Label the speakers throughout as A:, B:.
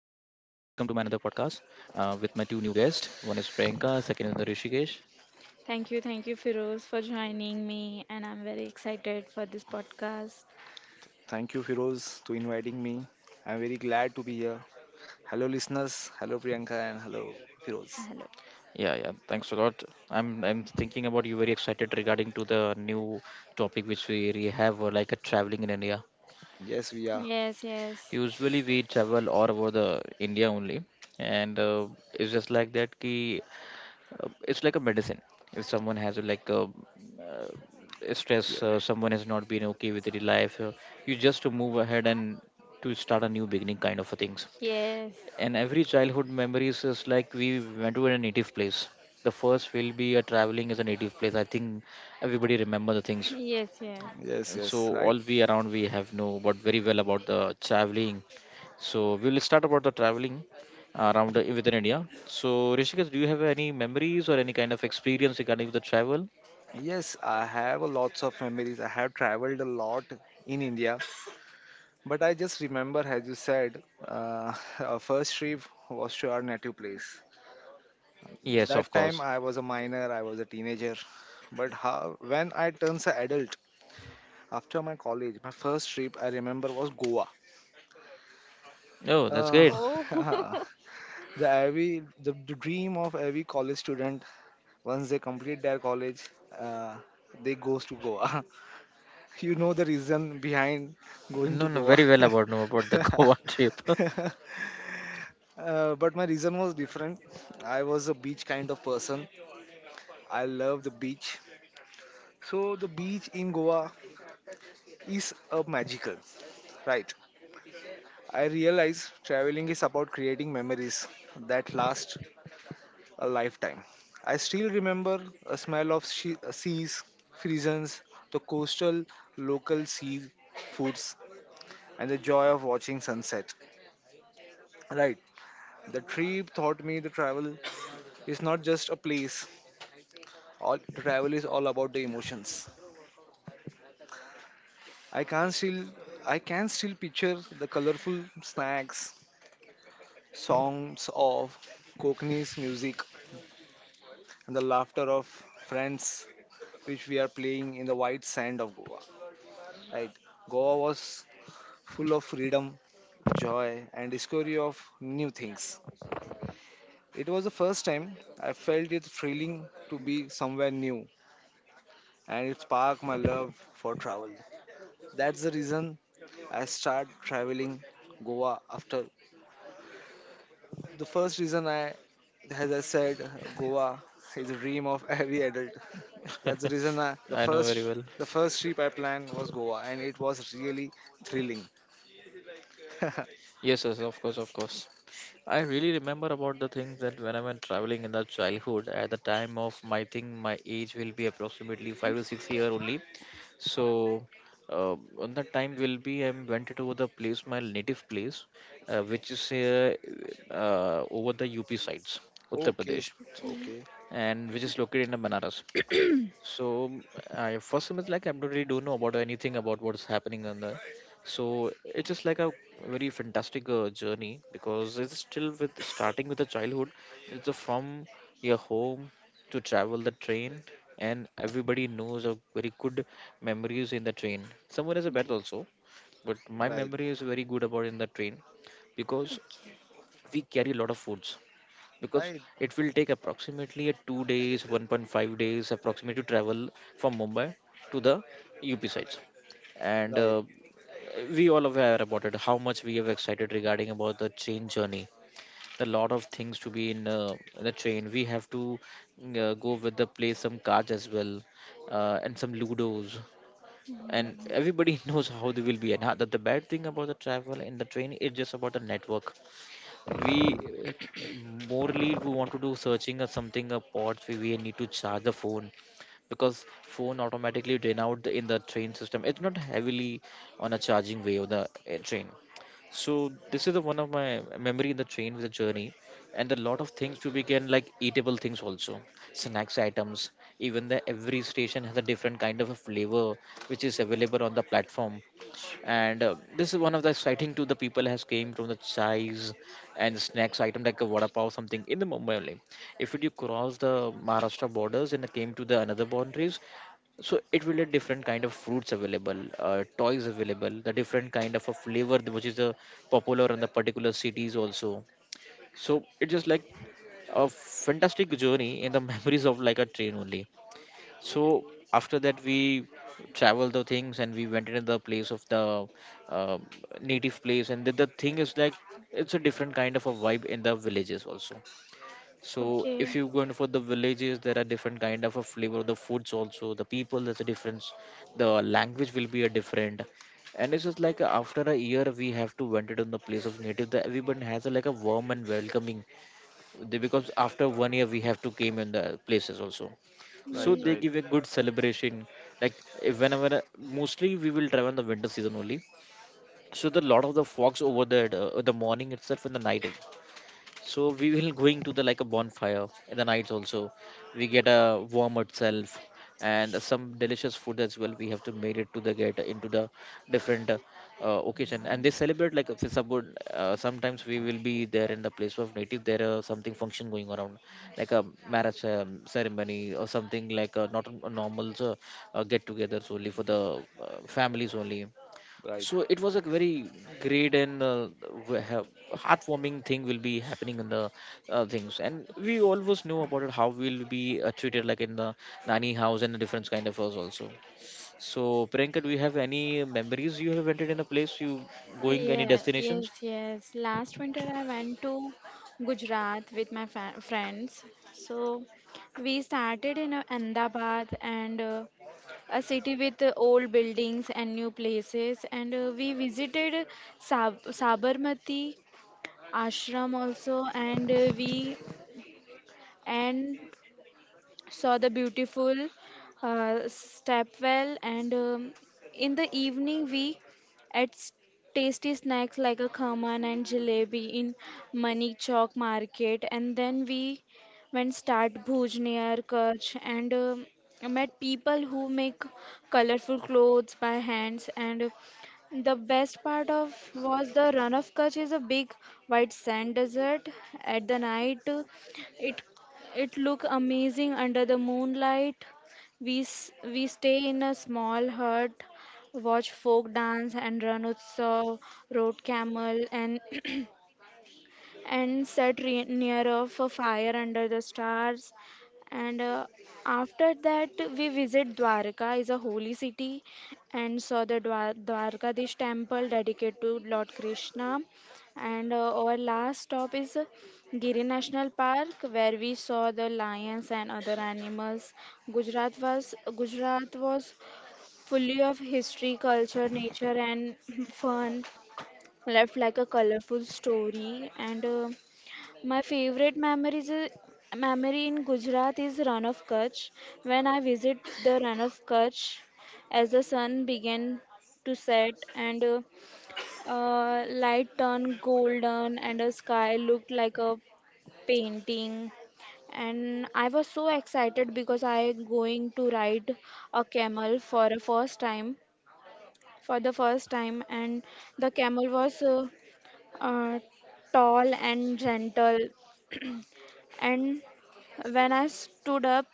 A: podcast with my two new guests. One is Priyanka, second is the Rishikesh.
B: Thank you, Firoz, for joining me, and I'm very excited for this podcast.
C: Thank you, Firoz, to inviting me. I'm very glad to be here. Hello, listeners. Hello, Priyanka, and hello, Firoz.
B: Hello.
A: Yeah, yeah, thanks a lot. I'm thinking about you very excited regarding to the new topic which we really have, like a traveling in India.
C: Yes, we are.
B: Yes, yes,
A: Usually we travel all over the India only, and it's just like that. Ki it's like a medicine if someone has like a, stress,
C: Yeah.
A: someone has not been okay with their life, you just to move ahead and to start a new beginning kind of a things,
B: yes,
A: and every childhood memories is like we went to a native place, the first will be a traveling is a native place, I think everybody remember the things.
B: yes, yes.
C: Yes,
A: And
C: yes,
A: so
C: right.
A: all we around we have know about very well about the traveling, so we'll start about the traveling around within India. So Rishikesh, do you have any memories or any kind of experience regarding the travel?
C: Yes, I have a lots of memories. I have traveled a lot in India, but I just remember, as you said, uh, our first trip was to our native place.
A: Yes, of
C: That time
A: course.
C: I was a minor, I was a teenager, but how, when I turned an adult after my college, my first trip I remember was Goa.
A: Oh, that's
C: Uh,
A: great.
B: Oh,
C: the dream of every college student once they complete their college, uh, they goes to Goa. You know the reason behind going
A: No,
C: to
A: no,
C: Goa.
A: very well about know about the Goa trip.
C: But my reason was different. I was a beach kind of person. I love the beach, so the beach in Goa is a magical, right? I realize traveling is about creating memories that last a lifetime. I still remember a smell of seas, frisons, the coastal local sea foods, and the joy of watching sunset. Right, the trip taught me the travel is not just a place. All travel is all about the emotions. I can still I can still picture the colorful snacks, songs of Cockney's music, and the laughter of friends which we are playing in the white sand of Goa. Right. Goa was full of freedom, joy, and discovery of new things. It was the first time I felt it thrilling to be somewhere new, and it sparked my love for travel. That's the reason I started traveling Goa after. The first reason I, as I said, Goa is a dream of every adult. That's the reason
A: I know very well.
C: the first trip I planned was Goa, and it was really thrilling.
A: Yes, yes, of course, of course. I really remember about the things that when I went traveling in the childhood, at the time of my thing, my age will be approximately 5 to 6 year only. So uh, on that time will be I went to the place, my native place, which is over the UP sides, Uttar
C: Okay,
A: Pradesh,
B: Okay,
C: okay,
A: and which is located in the Banaras. So I first semester like I totally don't know about anything about what's happening on the. So it's just like a very fantastic journey because it's still with starting with the childhood. It's a from your home to travel the train, and everybody knows of very good memories in the train. Someone has a bad also, but my
C: right,
A: memory is very good about in the train because
B: okay.
A: we carry a lot of foods because
C: right,
A: it will take approximately a 2 days 1.5 days approximately to travel from Mumbai to the UP sides, and
C: right,
A: we all aware about it how much we have excited regarding about the train journey. A lot of things to be in the train we have to go with the play some cards as well, and some ludos, and everybody knows how they will be and how, the bad thing about the travel in the train is just about the network. We
C: hmm,
A: Morally if we want to do searching or something a pods, we need to charge the phone because phone automatically drain out the, in the train system it's not heavily on a charging way of the, train. So this is the one of my memory in the train with the journey, and a lot of things to be can like eatable things also, snacks items. Even the every station has a different kind of a flavor which is available on the platform, and this is one of the exciting to the people has came from the chais and the snacks item like a vada pav something in the Mumbai only. If you cross the Maharashtra borders and came to the another boundaries, so it will be different kind of fruits available, toys available, the different kind of a flavor which is, popular in the particular cities also. So it's just like a fantastic journey in the memories of like a train only. So after that we travel the things and we went into the place of the, uh, native place, and the thing is like it's a different kind of a vibe in the villages also. So if you go going for the villages, there are different kind of a flavor of the foods also, the people there's a difference, the language will be a different. And it's just like after a year we have to went it on the place of native, that everyone has a, like a warm and welcoming because after one year we have to came in the places also, so they
B: Mm,
A: give a good celebration like whenever mostly we will travel in the winter season only, so the lot of the fogs over there, the morning itself and the night. So we will going to the like a bonfire in the nights also, we get a warm itself, and some delicious food as well we have to made it to the get into the different, occasion, and they celebrate like if it's a good, sometimes we will be there in the place of native there are something function going around, like a marriage ceremony or something like a, not a normal, get together solely for the, families only.
C: right.
A: So it was a very great and, we have- heartwarming thing will be happening in the, things, and we always know about it how we'll be, treated like in the nanny house and the different kind of us also. So Priyanka, do you have any memories you have rented in a place you
B: okay.
A: going any
B: Yeah, yeah, yes,
A: destinations?
B: yes. Last winter, I went to Gujarat with my friends. So we started in Ahmedabad and a city with old buildings and new places. And we visited Sabarmati Ashram also, and we and saw the beautiful stepwell and in the evening we ate tasty snacks like a khaman and jalebi in money chowk market, and then we went start bhuj near Kutch, and met people who make colorful clothes by hands, and the best part of was the run of Kutch is a big white sand desert at the night. It it looked amazing under the moonlight. We stay in a small hut, watch folk dance and run utsav, road camel, and and sat re- near of a fire under the stars, and after that we visit dwarka is a holy city, and saw the dwarkadish temple dedicated to lord krishna, and our last stop is giri national park, where we saw the lions and other animals. Gujarat was gujarat was fully of history, culture, nature, and fun, left like a colorful story, and my favorite memories is, memory in Gujarat is Ran of Kutch. When I visit the Ran of Kutch, as the sun began to set, and light turned golden and the sky looked like a painting, and I was so excited because I going to ride a camel for the first time. And the camel was uh, tall and gentle, and when I stood up,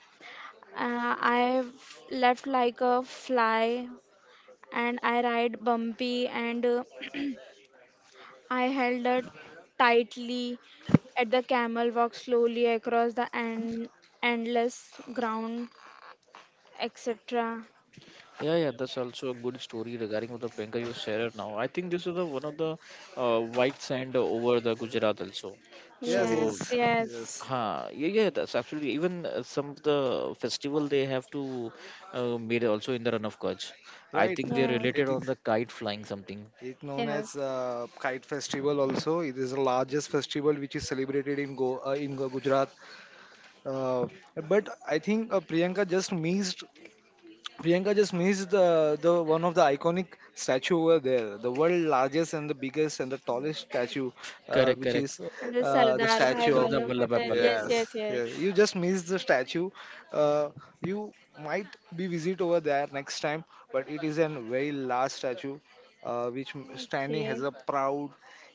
B: I left like a fly, and I ride bumpy, and I held her tightly at the camel walked slowly across the endless ground, etc.
A: Yeah, yeah, that's also a good story regarding with the Penka you shared now. I think this is the one of the white sand over the Gujarat also.
C: Yes,
B: Yes,
A: So
C: yes,
B: yes,
C: yes.
A: huh, yeah, yeah, that's absolutely. Even some of the festival they have to, made also in the run of Kutch. I
C: Right.
A: think they
B: yes,
A: related
C: It is
A: on the kite flying something.
C: it known as
B: yes.
C: Kite Festival. Also, it is the largest festival which is celebrated in Go in Gujarat. Uh, but I think Priyanka just missed the one of the iconic statue over there, the world largest and the biggest and the tallest statue,
A: Correct,
C: which
A: correct.
C: is,
B: And the
C: the
B: Sardar Bhai
C: statue of,
A: Sardar
B: Vallabh
A: Vallabhbhai
B: Patel. Yes,
A: Patel.
C: yes,
B: yes, yes.
C: yeah. You just missed the statue. Uh, you might be visit over there next time, but it is an very large statue, which standing has
B: Okay.
C: a proud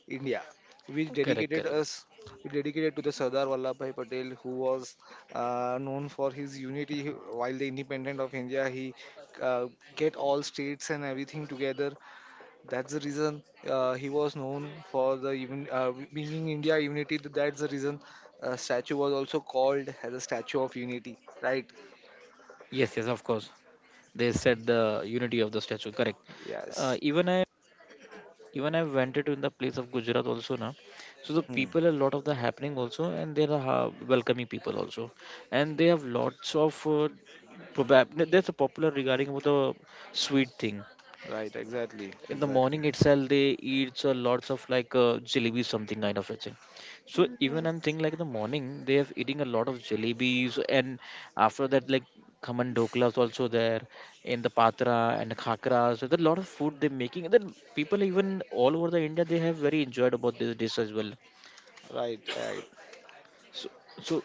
C: India, which
B: Okay.
A: Correct,
C: dedicated
A: correct.
C: us, dedicated to the Sardar Vallabhbhai Patel, who was known for his unity while the independent of India. He uh, get all states and everything together. That's the reason he was known for the even bringing India unity. That's the reason statue was also called as a statue of unity, right?
A: Yes, yes, of course. They said the unity of the statue. Correct. Uh,
C: Yes,
A: even I even I went to in the place of Gujarat also now. So the
C: hmm.
A: people a lot of the happening also, and they are welcoming people also, and they have lots of probab. There's a popular regarding about the sweet thing
C: Right, exactly,
A: in the
C: exactly,
A: morning itself, they eat so lots of like, jalebi something kind of a thing. So
B: Mm,
A: even I'm
B: yes.
A: thinking like in the morning they have eating a lot of jalebis, and after that like khaman dokla is also there, in the patra and khakra, so there a lot of food they're making, and then people even all over the India they have very enjoyed about this dish as well.
C: right, right.
A: So, so,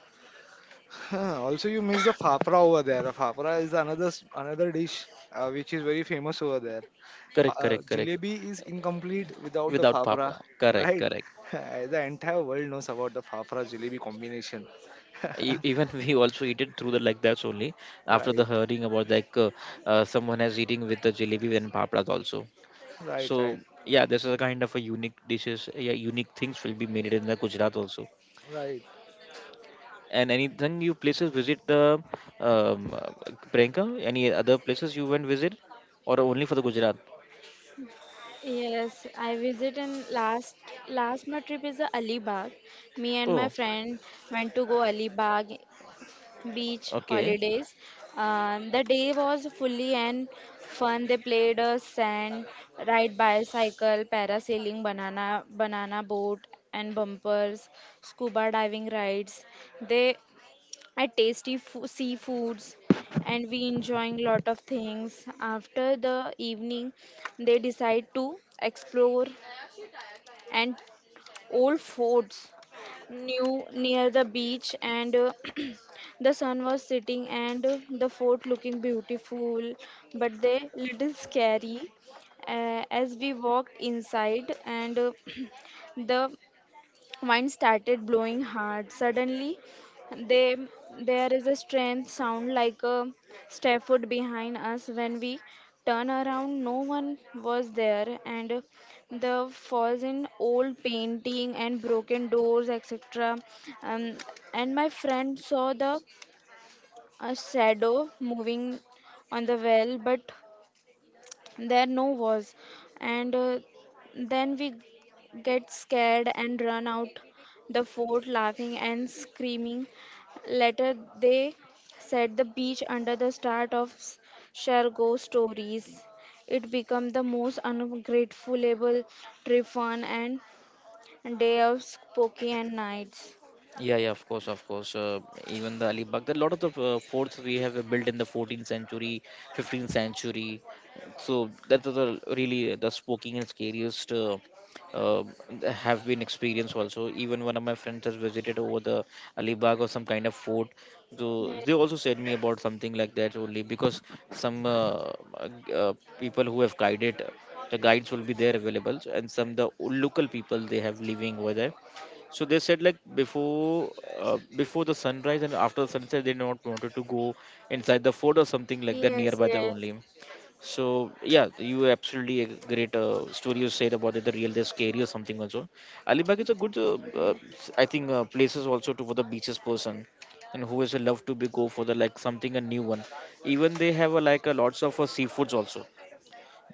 C: Huh, also you missed the fafra over there. The fafra is another dish, which is very famous over there.
A: correct, correct, correct,
C: Jalebi is incomplete without the
A: without
C: fafra,
A: papda, correct,
C: right?
A: correct.
C: The entire world knows about the fafra jalebi combination.
A: E- even we also eat it through the like that's only, after
C: Right,
A: the hearing about like, someone has eating with the jalebi and papras also.
C: right,
A: So
C: right,
A: yeah, this is a kind of a unique dishes, yeah, unique things will be made in the Gujarat also.
C: right.
A: And anything you places visit the um, uh, Priyanka, any other places you went visit, or only for the Gujarat?
B: Yes, I visit in last my trip is the Alibag. Me and my
A: Oh,
B: friend went to go Alibag beach
A: okay.
B: holidays. The day was fully and fun. They played a sand, ride bicycle, parasailing, banana boat and bumpers, scuba diving rides. They at tasty seafoods, and we enjoying lot of things. After the evening they decide to explore and old forts new near the beach, and the sun was sitting, and the fort looking beautiful, but they little scary as we walked inside, and the wind started blowing hard suddenly. they, there is a strange sound like a staff foot behind us. When we turn around no one was there, and the falls in old painting and broken doors etc. um, and my friend saw the a shadow moving on the well, but there no was, and then we get scared and run out the fort laughing and screaming. Later they set the beach under the start of Shargo stories. It became the most ungratefulable trip fun and day of spooky and nights.
A: Yeah, yeah, of course, of course. Even the Alibag, a lot of the forts we have built in the 14th century, 15th century. So that is the really the spooking and scariest, uh, have been experienced also. Even one of my friends has visited over the Alibag or some kind of fort. So
B: Yes,
A: they also said me about something like that only because some, people who have guided, the guides will be there available, and some the local people they have living over there, so they said like before, before the sunrise and after the sunset they not wanted to go inside the fort or something like that
B: yes,
A: nearby the
B: yes.
A: only. So yeah, you absolutely a great, story you said about it. The real they scary or something also. Alibag is a
B: Thank
A: good,
B: you.
A: I think places also to for the beaches person and who is a love to be go for the like something a new one. Even they have a, like a lots of seafoods also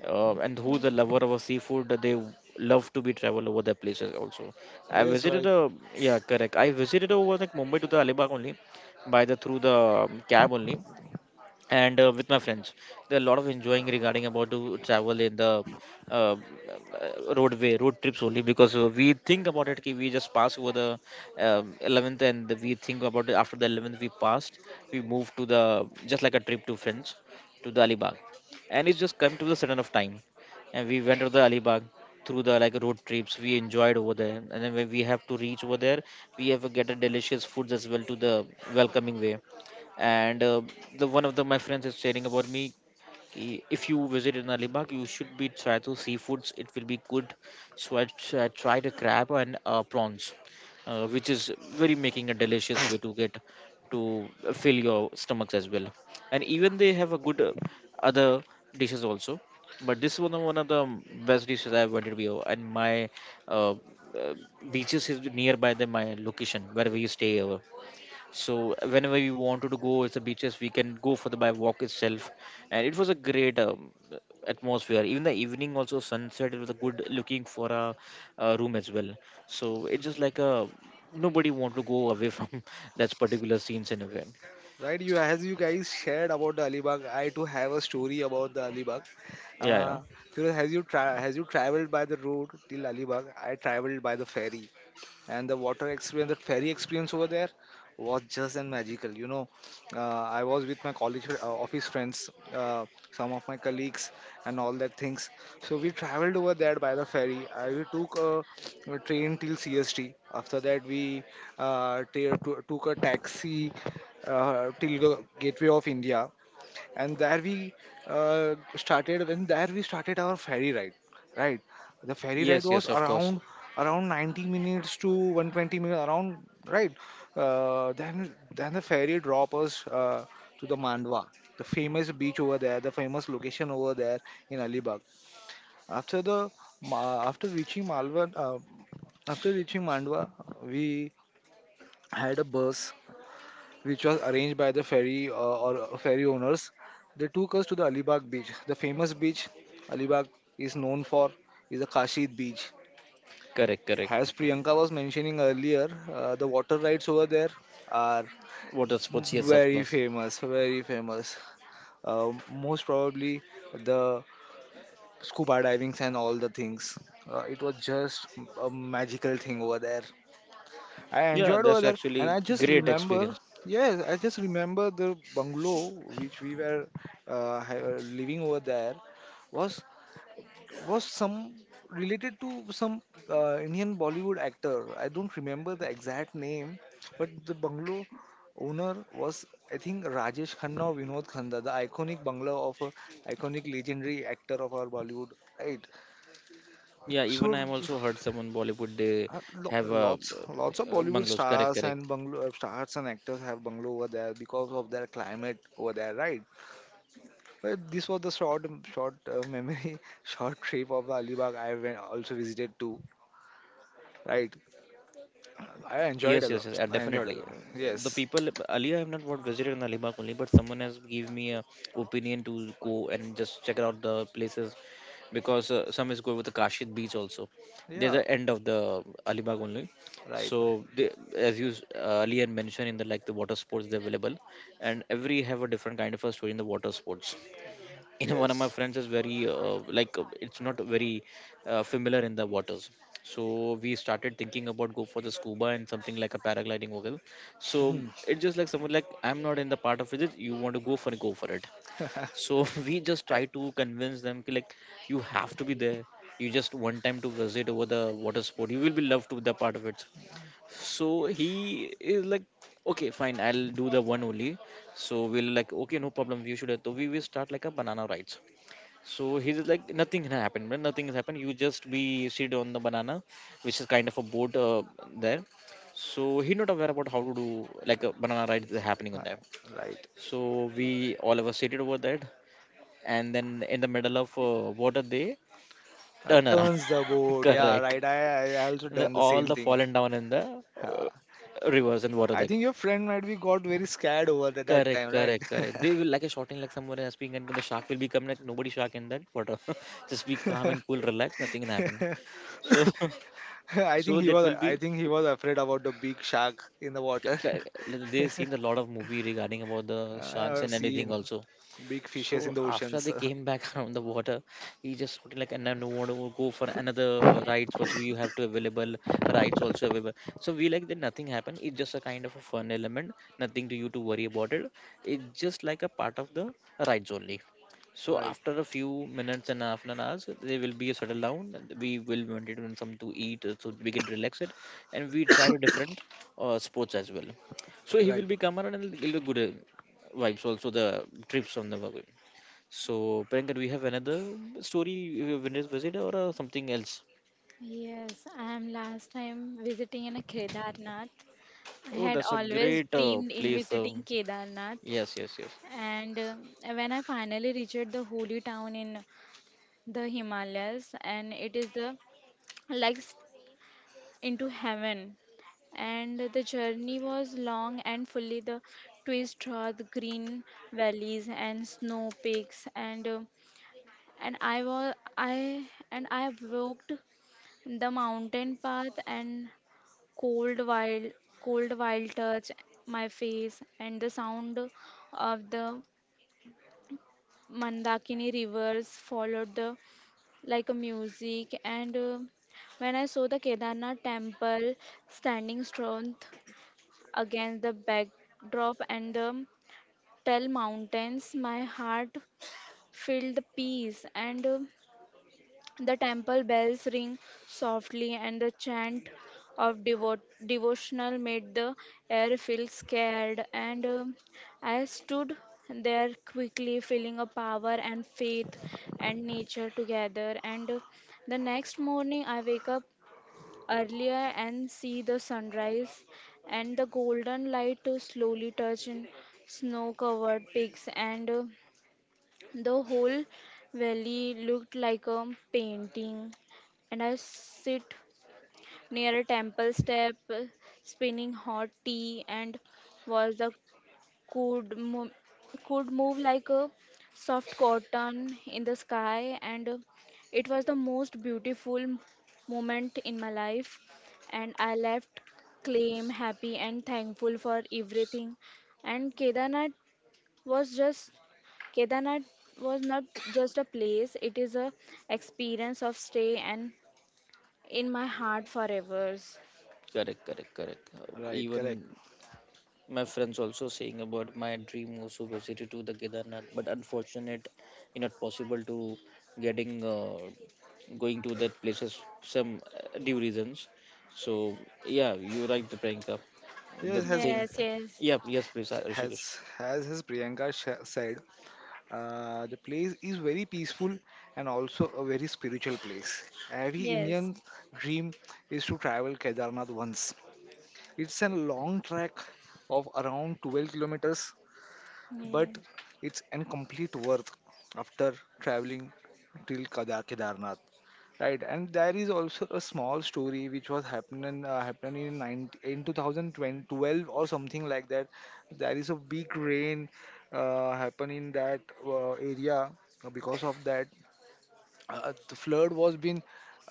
A: and who's
B: Yes.
A: a lover of a seafood love to be travel over their places also. I
C: Yes,
A: visited
C: right.
A: a, yeah, correct, I visited over like Mumbai to the Alibag only by the through the cab only and with my friends. There are a lot of enjoying regarding about to travel in the uh, roadway road trips only because we think about it ki we just pass over the 11th, and we think about it after the 11th we passed, we move to the just like a trip to friends to the Alibag, and it's just come to the sudden of time, and we went to the Alibag through the like road trips. We enjoyed over there, and then when we have to reach over there, we have to get a delicious foods as well to the welcoming way. And the one of the my friends is sharing about me, "Ki- if you visit in Alibag, you should be try to seafoods. It will be good." So I tried a crab and prawns, which is very making a delicious way to get to fill your stomachs as well. And even they have a good other dishes also. But this one of the best dishes I've ever here. And my uh, uh, beaches is nearby the my location where we stay over, so whenever we wanted to go, it's the beaches we can go for the by walk itself. And it was a great atmosphere. Even the evening also sunset, it was a good looking for a room as well. So it's just like a nobody want to go away from that particular scenes in a way.
C: Right, you, as you guys shared about the Alibag, I too have a story about the Alibag.
A: Yeah, yeah.
C: Uh, Firoz, has you traveled by the road till Alibag? I traveled by the ferry, and the water experience, the ferry experience over there was just and magical. You know, I was with my college office friends, some of my colleagues, and all that things. So we traveled over there by the ferry. I we took a train till CST. After that, we took a taxi till the Gateway of India, and there we started our ferry ride, right? The ferry ride
A: Yes,
C: was
A: yes, of course.
C: around 90 minutes to 120 minutes around, right? Then the ferry drop us to the Mandwa, the famous beach over there, the famous location over there in Alibag. After the Ma- after reaching malwa uh, after reaching Mandwa, we had a bus which was arranged by the ferry or ferry owners. They took us to the Alibag beach. The famous beach Alibag is known for is the Kashid beach.
A: Correct,
C: As
A: correct.
C: Priyanka was mentioning earlier, the water rides over there are
A: Water sports, yes, of
C: very
A: course.
C: famous, very famous. Most probably the scuba divings and all the things. It was just a magical thing over there. I
A: Yeah,
C: enjoyed over
A: that's
C: there,
A: actually
C: and I just
A: great
C: remember,
A: experience.
C: yes, I just remember the bungalow which we were living over there was was some related to some Indian Bollywood actor. I don't remember the exact name, but the bungalow owner was, I think, Rajesh Khanna or Vinod Khanna, the iconic bungalow of a iconic legendary actor of our Bollywood, right?
A: Yeah, even I
C: So
A: am also heard someone Bollywood they have a
C: Lots, lots of Bollywood
A: bungalows. Correct,
C: stars
A: correct.
C: and bungalow stars and actors have bungalow over there because of their climate over there, right? But this was the short, short memory, short trip of Alibag I went, also visited too, right? I enjoyed a
A: Yes, yes, yes,
C: lot, I enjoyed a
A: definitely.
C: lot.
A: The
C: Yes,
A: people Ali, I have not what visited in Alibag only, but someone has give me a opinion to go and just check out the places because some is going with the Kashid beach also. There's
C: yeah,
A: the end of the Alibag only.
C: right,
A: So they, Ali had mentioned in the like the water sports they're available, and every have a different kind of a story in the water sports. You know, one of my
C: yes.
A: friends is very like it's not very familiar in the waters, so we started thinking about go for the scuba and something like a paragliding whale. So
C: Mhm.
A: it's just like someone like, "I'm not in the part of it. You want to go for it, go for it." So we just
C: I,
A: try to convince them ki, like, you have to be there, you just one time to visit over the water sport, you will be loved to the part of it. So he is like, "Okay, fine, I'll do the one only." So we'll like, "Okay, no problem. You should." So we will start like a banana rides. So he's like, nothing can happen. When nothing has happened, you just be sit on the banana, which is kind of a boat there. So he not aware about how to do like a banana ride is happening on
C: uh,
A: there.
C: right,
A: So we all of us seated over that, and then in the middle of water they turn around.
C: turns the boat, yeah,
A: Correct.
C: right. I also
A: And the-
C: done the
A: all
C: same
A: the
C: thing.
A: fallen down in the
C: uh,
A: rivers and water
C: I
A: there.
C: think your friend might be got very scared over that, that
A: Correct,
C: time, right?
A: correct, correct. They will like a shouting like someone is being and the shark will become like nobody shark in that water. Just be calm and cool, relax, nothing can happen. So,
C: I think
A: so
C: he
A: that
C: was,
A: will
C: I
A: be.
C: think he was afraid about the big shark in the water.
A: Like, they've seen a lot of movie regarding about the
C: I
A: sharks
C: have
A: and anything
C: seen
A: also.
C: big
A: So
C: fishes in the
A: after
C: oceans.
A: they came back around the water, he just sort of like, and I don't want to go for another rides which we have to available, rides also available. So we like that nothing happened. It's just a kind of a fun element, nothing to you to worry about it. It's just like a part of the rides only. So
C: Right,
A: after a few minutes and half an hours, there will be a settle down. And we will wanted to some to eat so we can relax it, and we try different sports as well. So he
C: right,
A: will be come around and it'll be good vibes also the trips on the way. So, Priyanka, do we have another story, Venus visit or something else?
B: Yes, I am last time visiting in a Kedarnath. I
A: Oh,
B: had
A: that's a
B: always
A: great
B: dreamed in
A: place.
B: visiting Kedarnath,
A: Yes, yes, yes.
B: and when I finally reached the holy town in the Himalayas, and it is the like into heaven. And the journey was long and fully the twist through the green valleys and snow peaks, and and I was I I walked the mountain path and cold wild cold wild touch my face, and the sound of the mandakini rivers followed the like a music, and when I saw the kedarnath temple standing strong against the backdrop and the tell mountains, my heart filled peace, and the temple bells ring softly, and the chant of devotional made the air feel scared. And I stood there quickly, feeling a power and faith and nature together. And the next morning, I wake up earlier and see the sunrise, and the golden light to slowly touch in snow covered peaks, and the whole valley looked like a painting, and I sit near a temple step, spinning hot tea, and was the could mo- could move like a soft cotton in the sky, and it was the most beautiful moment in my life, and I left claim happy and thankful for everything. And was just Kedarnath was not just a place, it is a experience of stay and in my heart forever.
A: Correct, correct, correct.
C: right, correct.
A: Even my friends also saying about my dream also visited to the Kedarnath, but unfortunate, it's not possible to getting going to that places some due reasons. So yeah, you're right, Priyanka. The
C: Yes,
A: thing,
B: Yes, yes,
A: yeah, yes,
B: yes,
A: please, Rishikesh.
C: has as Priyanka said, the place is very peaceful and also a very spiritual place.
B: yes,
C: Every
B: yes,
C: Indian dream is to travel Kedarnath once. It's a long trek of around 12 kilometers, but it's incomplete worth after traveling till Kedarnath. Right, and there is also a small story which was happening in 19, in 2012 or something like that. There is a big rain happened in that area. Because of that, the, flood was been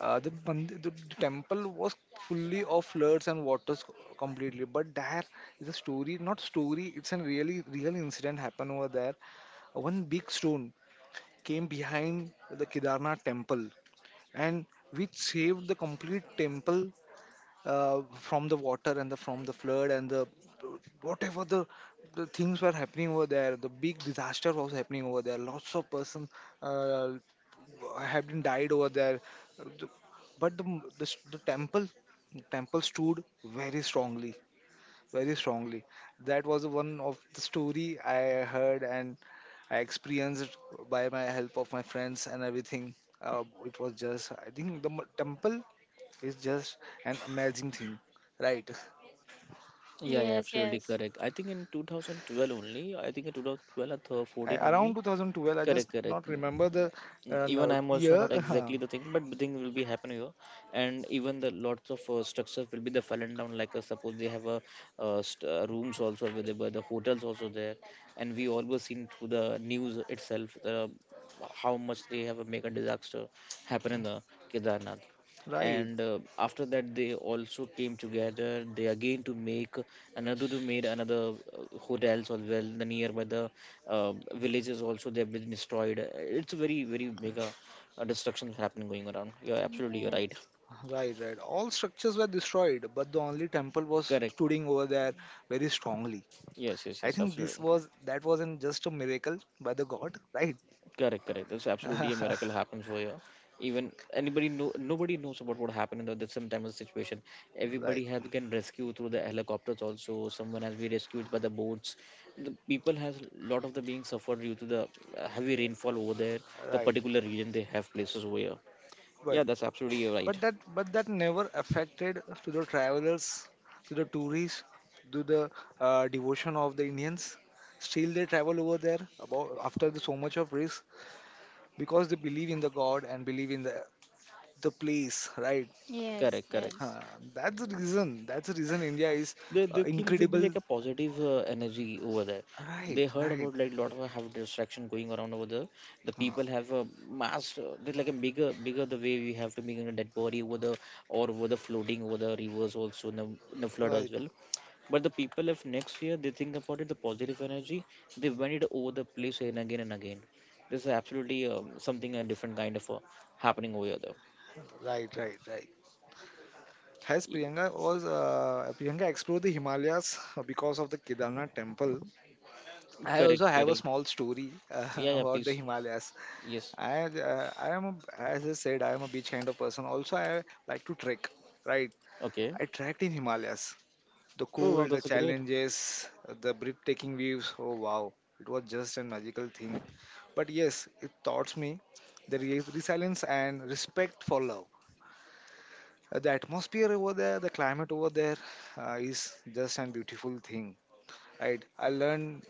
C: the temple was fully of floods and completely, but there is a story, not story, it's a really real incident happened over there. One big stone came behind the Kedarnath temple and which saved the complete temple uh, from the water and the from the flood and the whatever the things were happening over there. The big disaster was happening over there, lots of person, uh, have been died over there. The- But the m- the, s- the temple, temple stood very strongly, very strongly. That was one of the story I heard and I experienced by my help of my friends and everything. It was just, I think the temple is just an amazing thing, right?
B: yes,
A: Yeah, yeah,
B: yes,
A: absolutely
B: yes, yes,
A: correct. I think in 2012 only, I think in 2012 or
C: I,
A: 14
C: around
A: only.
C: 2012, I just
A: Correct,
C: not
A: correct.
C: remember the
A: Mm, even
C: no,
A: I'm also
C: year.
A: not exactly the thing, but the thing will be happening here, and even the lots of structures will be the fallen down. Like suppose they have a rooms also available, the hotels also there, and we always seen through the news itself the how much they have a mega disaster happen in the Kedarnath.
C: Right?
A: And after that they also came together they again to make another to made another hotels as well, the nearby the villages also they have been destroyed. It's a very very mega destruction happening going around, you're absolutely you're right.
C: Right, right. All structures were destroyed, but the only temple was
A: Correct.
C: stooding over there very strongly.
A: Yes, yes,
C: I
A: yes,
C: think this
A: absolutely.
C: was, that wasn't just a miracle by the god, right?
A: Correct, correct, there's absolutely a miracle happens over here. Even anybody know, nobody knows about what happened in the that sometimes situation.
C: Right,
A: Everybody has been rescued through the helicopters, also someone has been rescued by the boats. The people has lot of the being suffered due to the heavy rainfall over there, the
C: right.
A: particular region they have places over here.
C: But
A: Yeah, that's absolutely right.
C: but that never affected to the travelers, to the tourists, to the devotion of the Indians. Still, they travel over there about after the, so much of risk, because they believe in the god and believe in the place, right?
A: Correct,
B: yes,
A: correct.
C: Huh, that's the reason. That's the reason India is
A: They keep will be
C: incredible.
A: like a positive energy over there.
C: Right,
A: They heard
C: right,
A: about like lot of have distraction going around over there. The
C: uh,
A: people have a mass, they're like a bigger, bigger the way we have to make a dead body over the or over the floating over the rivers also in the flood as
C: right,
A: well. But the people of next year, they think about it, the positive energy, they went it over the place and again and again. This is absolutely something a different kind of happening over here. Though.
C: right, right, right. Has
A: Y-
C: Priyanka was Priyanka explored the Himalayas because of the Kedarnath temple? I also
A: Correct,
C: have a
A: correct.
C: small story
A: Yeah, yeah,
C: about the
A: please.
C: Himalayas.
A: Yes.
C: I am a, as I said, I am a beach kind of person. Also, I like to trek. Right,
A: Okay.
C: I trekked in Himalayas. The
A: Oh, wow,
C: cold, the
A: that's great.
C: challenges, the breathtaking views. Oh wow, it was just a magical thing. But yes, it taught me the resilience and respect for love. The atmosphere over there, the climate over there, is just a beautiful thing. Right?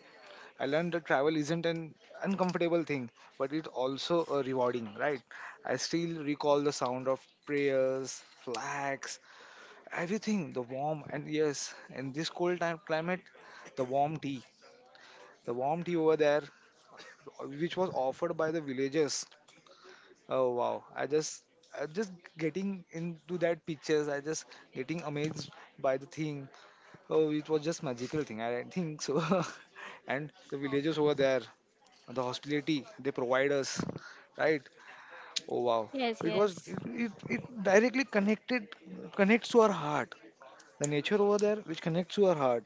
C: I learned that travel isn't an uncomfortable thing, but it's also a rewarding. Right? I still recall the sound of prayers, flags, everything, the warm and yes, in this cold time climate, the warm tea, the warm tea over there, which was offered by the villagers. Oh wow! I just, I'm just getting into that pictures. I just getting amazed by the thing. Oh, it was just magical thing. I think so. And the villagers over there, the hospitality they provide us, right? Oh wow! It was
B: yes,
C: it, it, it directly connected connects to our heart. The nature over there, which connects to our heart,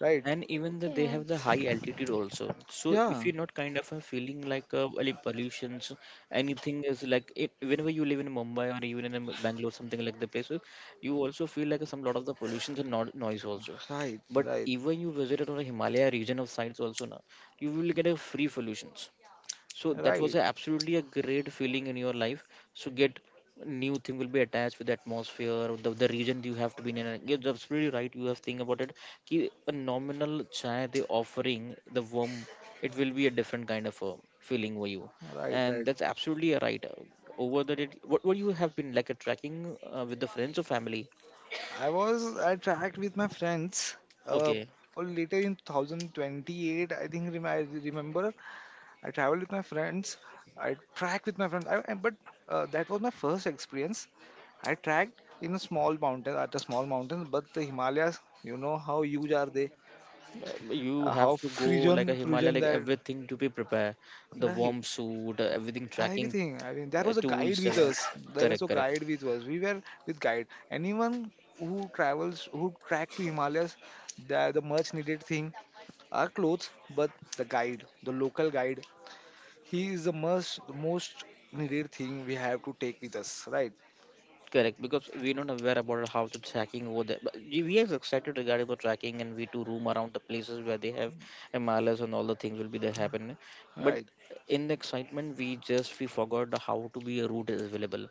C: right?
A: And even the, they have the high altitude also, so if
C: Yeah,
A: you're not kind of feeling like any pollutions anything is like it, whenever you live in Mumbai or even in Bangalore something like the places, you also feel like some lot of the pollutions and noise also.
C: right,
A: But
C: right,
A: even you visit on a Himalaya region of sites also now, you will get a free pollutions. So that was
C: right,
A: a absolutely a great feeling in your life. So get new thing will be attached with the atmosphere, the region you have to be in, and you're absolutely right, you have think about it कि a nominal chai they offering the worm, it will be a different kind of a feeling for you.
C: right,
A: And
C: right.
A: that's absolutely right. Over that, it what you have been like a trekking with the friends or family?
C: I was at track with my friends. Uh,
A: Okay,
C: later in 2028, I think I remember I traveled with my friends. I tracked with my friends. But that was my first experience. I tracked in a small mountain, at a small mountain, but the Himalayas, you know how huge are they?
A: you have
C: How
A: to go like a
C: frozen,
A: Himalaya,
C: frozen
A: like
C: that,
A: everything to be prepared, the
C: right?
A: warm suit, everything, tracking
C: Everything. I mean, there was a guide
A: tools
C: with
A: and
C: us. There was a
A: correct, correct.
C: guide with us. We were with guide. Anyone who travels, who trek to Himalayas, the much needed thing are clothes, but the guide, the local guide, he is the most needed thing we have to take with us. Right.
A: Correct, because we don't aware about how to tracking over there, but we are excited regarding the tracking and we to roam around the places where they have mls and all the things will be there happen. But
C: Right.
A: in the excitement we just we forgot the how to be a route is available.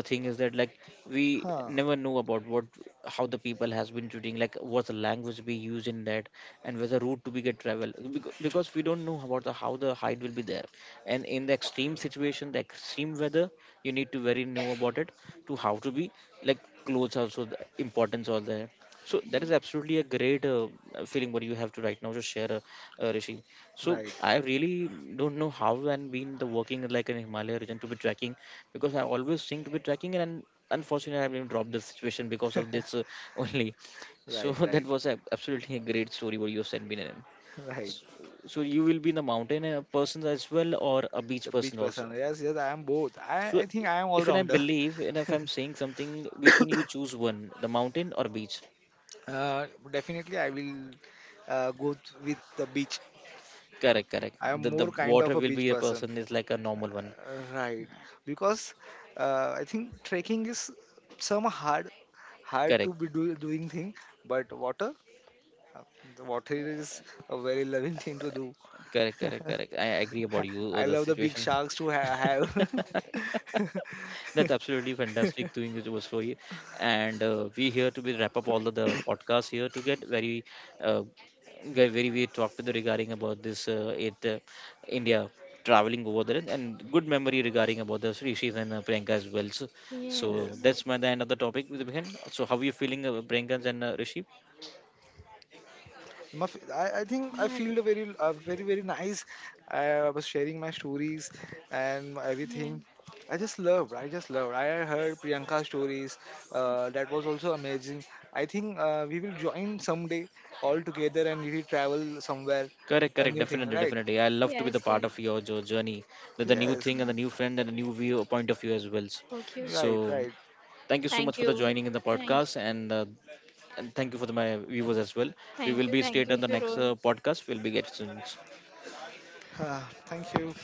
A: The thing is that like we
C: Huh.
A: never know about what how the people has been treating, like what's the language we use in that, and whether route to be get travel, because we don't know about the how the height will be there. And in the extreme situation, the extreme weather, you need to very know about it to how to be like clothes also the importance all there. So that is absolutely a great feeling what you have to right now just share Rishi. So
C: Right.
A: I really don't know how and been the working like in Himalaya region to be tracking, because I always think to be tracking, and unfortunately I've been dropped this situation because of this only. So
C: Right.
A: that
C: Right.
A: was absolutely a great story what you have sent me in.
C: Right.
A: So you will be the mountain person as well or a beach
C: The
A: person
C: beach person.
A: also.
C: Yes. Yes. I am both.
A: So
C: I think I am all
A: if and I
C: rounder.
A: believe and if I'm saying something, which one you choose one, the mountain or beach?
C: Definitely, I will with the beach.
A: Correct, correct.
C: I am
A: The
C: more kind
A: water
C: of a
A: will
C: beach
A: be a
C: person.
A: person is like a normal one.
C: Right, because I think trekking is some hard, hard to
A: Correct,
C: be doing thing, but water, the water is a very loving thing to do.
A: correct, correct, correct. I agree about you
C: I
A: the
C: love the big
A: situation.
C: sharks to
A: That's
C: have.
A: absolutely fantastic doing it was for you. And we here to be wrap up all of the podcasts here to uh, get very we talked with regarding about this it India traveling over there and good memory regarding about the Rishis and Priyanka as well. So,
B: yes,
A: so
C: Yes,
B: yes,
A: that's my
B: yes.
A: the end of the topic with Bihan. So how are you feeling, Priyanka and Rishi?
C: my, I think I
B: Right.
C: feel a very very, very nice. I was sharing my stories and
B: Yeah.
C: everything. I just loved. I heard Priyanka's stories. That was also amazing. I think we will join someday all together and we will travel somewhere,
A: Correct,
C: a
A: correct,
C: new thing,
A: definitely,
C: right?
A: definitely. I love to be
B: Yes,
A: the part
B: yes.
A: of your journey, the new
C: Yes,
A: thing
B: Okay.
A: and the new friend and the new view point of view as well.
B: Okay, okay.
C: right,
A: So
C: right.
A: thank you so much
B: Thank
A: for the
B: you.
A: joining in the
B: Thank you.
A: podcast, and thank you for the, my viewers as well. We
B: Thank
A: will
B: you.
A: be
B: Thank
A: straight
B: you,
A: on the next
B: Firoz.
A: podcast. We'll be getting soon.
C: Ah, thank you.